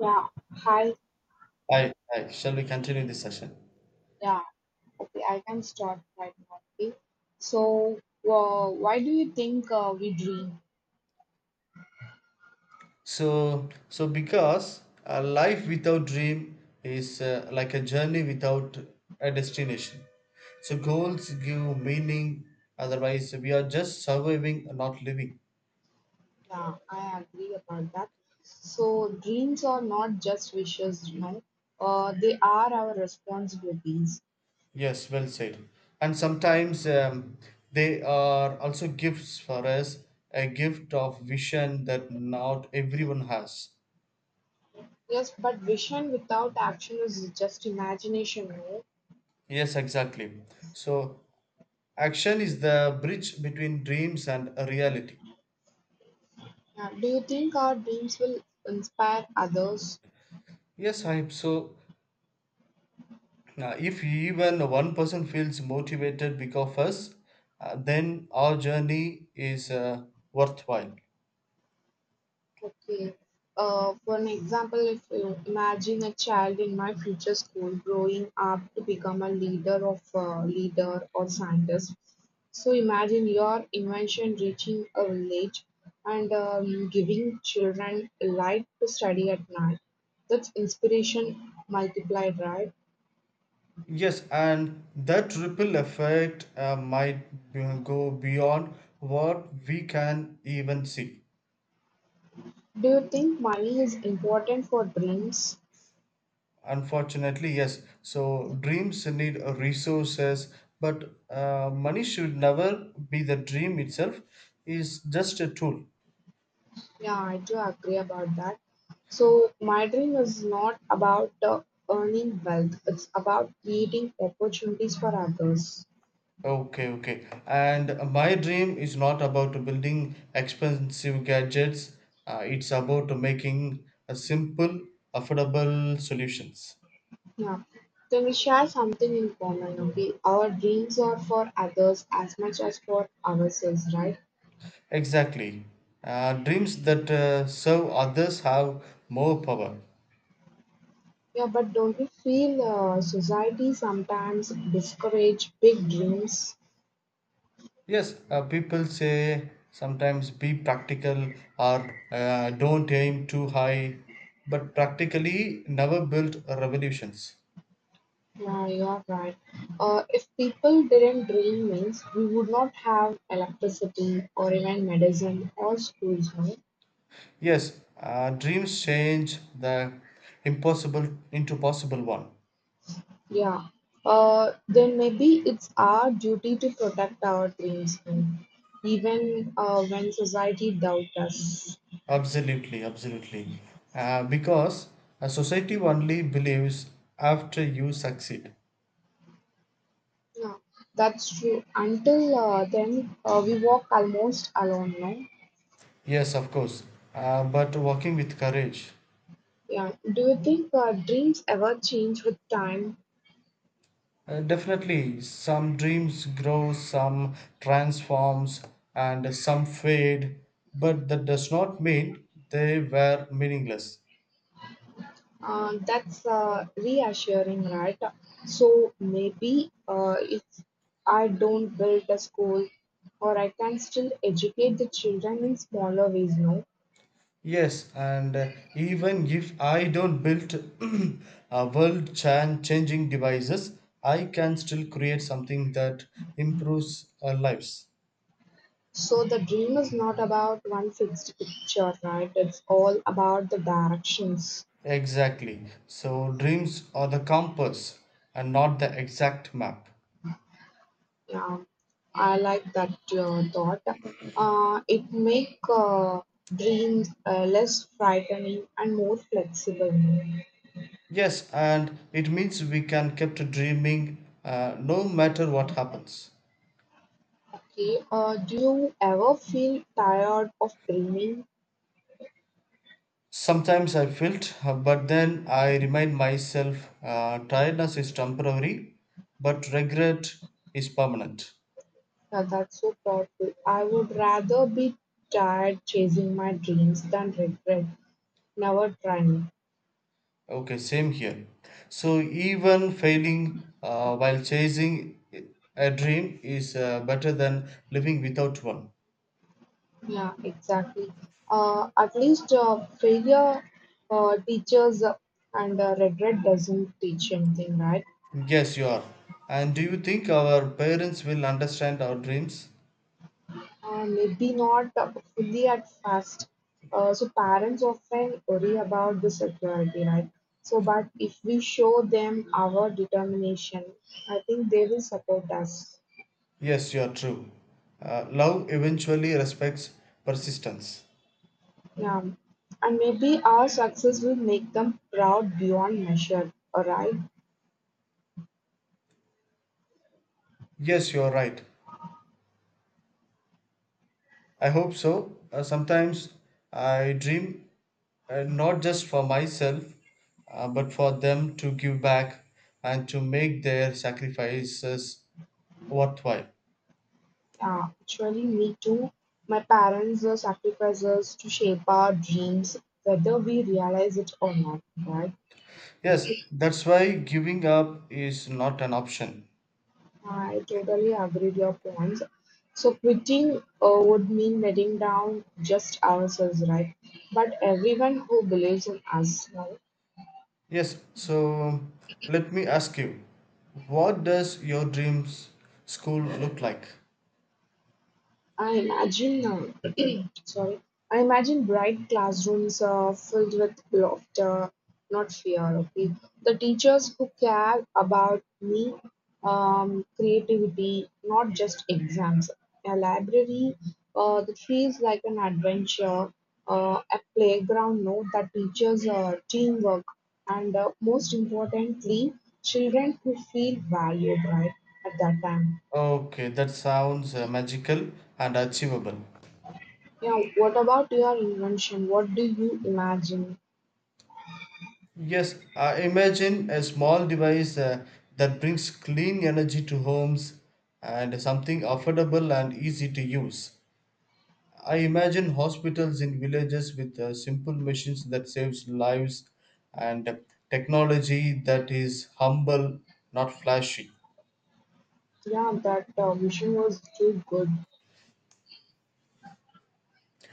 Yeah, hi. I hi. Shall we continue this session? Yeah, okay, I can start right now. Okay, so why do you think we dream? So because a life without dream is like a journey without a destination. So goals give meaning. Otherwise, we are just surviving, not living. Yeah, I agree about that. So, dreams are not just wishes, they are our responsibilities. Yes, well said. And sometimes they are also gifts for us, a gift of vision that not everyone has. Yes, but vision without action is just imagination, no? Yes, exactly. So action is the bridge between dreams and reality. Yeah, do you think our dreams will inspire others? Yes, I so. If even one person feels motivated because of us, then our journey is worthwhile. Okay. For an example, if you imagine a child in my future school growing up to become a leader of leader or scientist. So imagine your invention reaching a village and giving children a light to study at night. That's inspiration multiplied, right? Yes, and that ripple effect go beyond what we can even see. Do you think money is important for dreams? Unfortunately, yes. So dreams need resources, but money should never be the dream itself. Is just a tool. Yeah, I do agree about that. So, my dream is not about earning wealth, it's about creating opportunities for others. Okay, okay. And my dream is not about building expensive gadgets. It's about making a simple, affordable solutions. Yeah, so we share something in common, okay? Our dreams are for others as much as for ourselves, right? Exactly. Dreams that serve others have more power. Yeah, but don't you feel society sometimes discourage big dreams? Yes, people say sometimes be practical or don't aim too high, but practically never built revolutions. Yeah, you're right. If people didn't drill mills, we would not have electricity or even medicine or schools, no? Yes, dreams change the impossible into possible one. Yeah. Then maybe it's our duty to protect our dreams, no? Even when society doubts us. Absolutely, absolutely. Because a society only believes after you succeed. Yeah, that's true. Until then, we walk almost alone, no? Yes, of course. But working with courage. Yeah. Do you think dreams ever change with time? Definitely, some dreams grow, some transforms, and some fade. But that does not mean they were meaningless. That's reassuring, right? So maybe if I don't build a school, or I can still educate the children in smaller ways, no? Yes, and even if I don't build a world changing devices, I can still create something that improves our lives. So the dream is not about one fixed picture, right? It's all about the directions. Exactly. So dreams are the compass and not the exact map. Yeah, I like that thought. It make dreams less frightening and more flexible. No? Yes, and it means we can keep dreaming no matter what happens. Okay, do you ever feel tired of dreaming? Sometimes I felt, but then I remind myself tiredness is temporary, but regret is permanent. Now that's so powerful. I would rather be tired chasing my dreams than regret never trying. Okay, same here. So even failing while chasing a dream is better than living without one. Yeah, exactly. At least failure teaches and regret doesn't teach anything, right? Yes, you are. And do you think our parents will understand our dreams? Maybe not fully at first. So parents often worry about the security, right? So, but if we show them our determination, I think they will support us. Yes, you are true. Love eventually respects persistence. Yeah, and maybe our success will make them proud beyond measure. All right. Yes, you are right. I hope so. Sometimes I dream not just for myself, but for them to give back and to make their sacrifices worthwhile. Yeah, actually, me too. My parents were sacrifices to shape our dreams, whether we realize it or not, right? Yes, that's why giving up is not an option. I totally agree with your points. So quitting would mean letting down just ourselves, right? But everyone who believes in us, now, Yes, so let me ask you what does your dreams school look like? I imagine now. Sorry. I imagine bright classrooms filled with laughter, not fear. Okay, the teachers who care about me, creativity, not just exams. A library that feels like an adventure. A playground, no, that teaches teamwork, and most importantly, children who feel valued right at that time. Okay, that sounds magical and achievable. Yeah, what about your invention? What do you imagine? Yes, imagine a small device that brings clean energy to homes and something affordable and easy to use. I imagine hospitals in villages with simple machines that saves lives and technology that is humble, not flashy. Yeah, that vision was too good.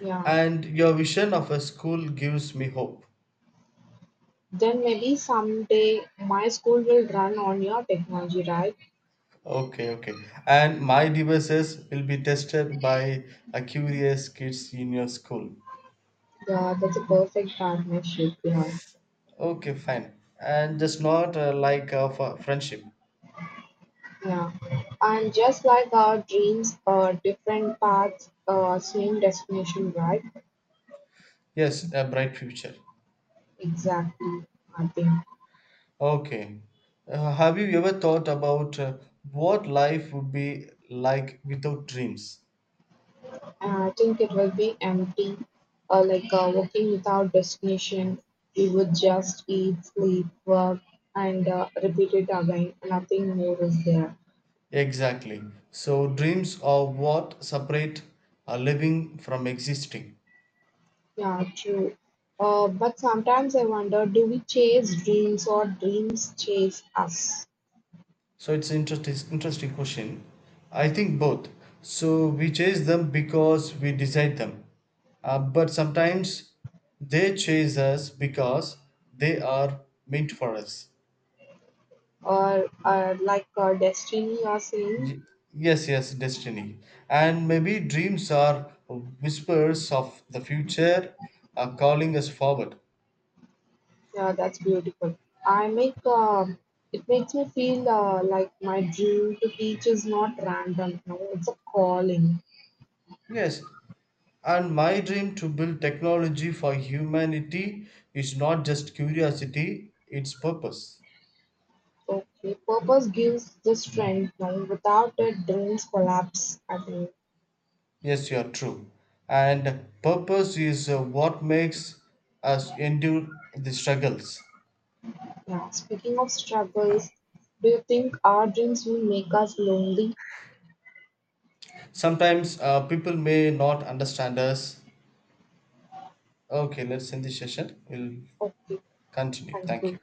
Yeah. And your vision of a school gives me hope. Then maybe someday my school will run on your technology, right? Okay, okay. And my devices will be tested by a curious kids in your school. Yeah, that's a perfect partnership, yeah. Okay, fine. And just not like for friendship. Yeah. And just like our dreams, different paths, same destination, right? Yes, a bright future. Exactly, I think. Okay. Have you ever thought about what life would be like without dreams? And I think it will be empty, like walking without destination. We would just eat, sleep, work, and repeat it again. Nothing more is there. Exactly. So, dreams are what separate living from existing. Yeah, true. But sometimes I wonder, do we chase dreams or dreams chase us? So it's interesting question. I think both. So we chase them because we decide them. But sometimes they chase us because they are meant for us. Or like destiny or saying, Y- yes, destiny. And maybe dreams are whispers of the future are calling us forward. yeah, that's beautiful. I make It makes me feel like my dream to teach is not random. No, it's a calling. Yes, and my dream to build technology for humanity is not just curiosity, it's purpose. Okay, purpose gives the strength. No, without it, dreams collapse. I think. Yes, you are true. And purpose is what makes us endure the struggles. Yeah. Speaking of struggles, do you think our dreams will make us lonely? Sometimes people may not understand us. Okay, let's end this session. We'll Okay. continue. 半 Thank 径 you.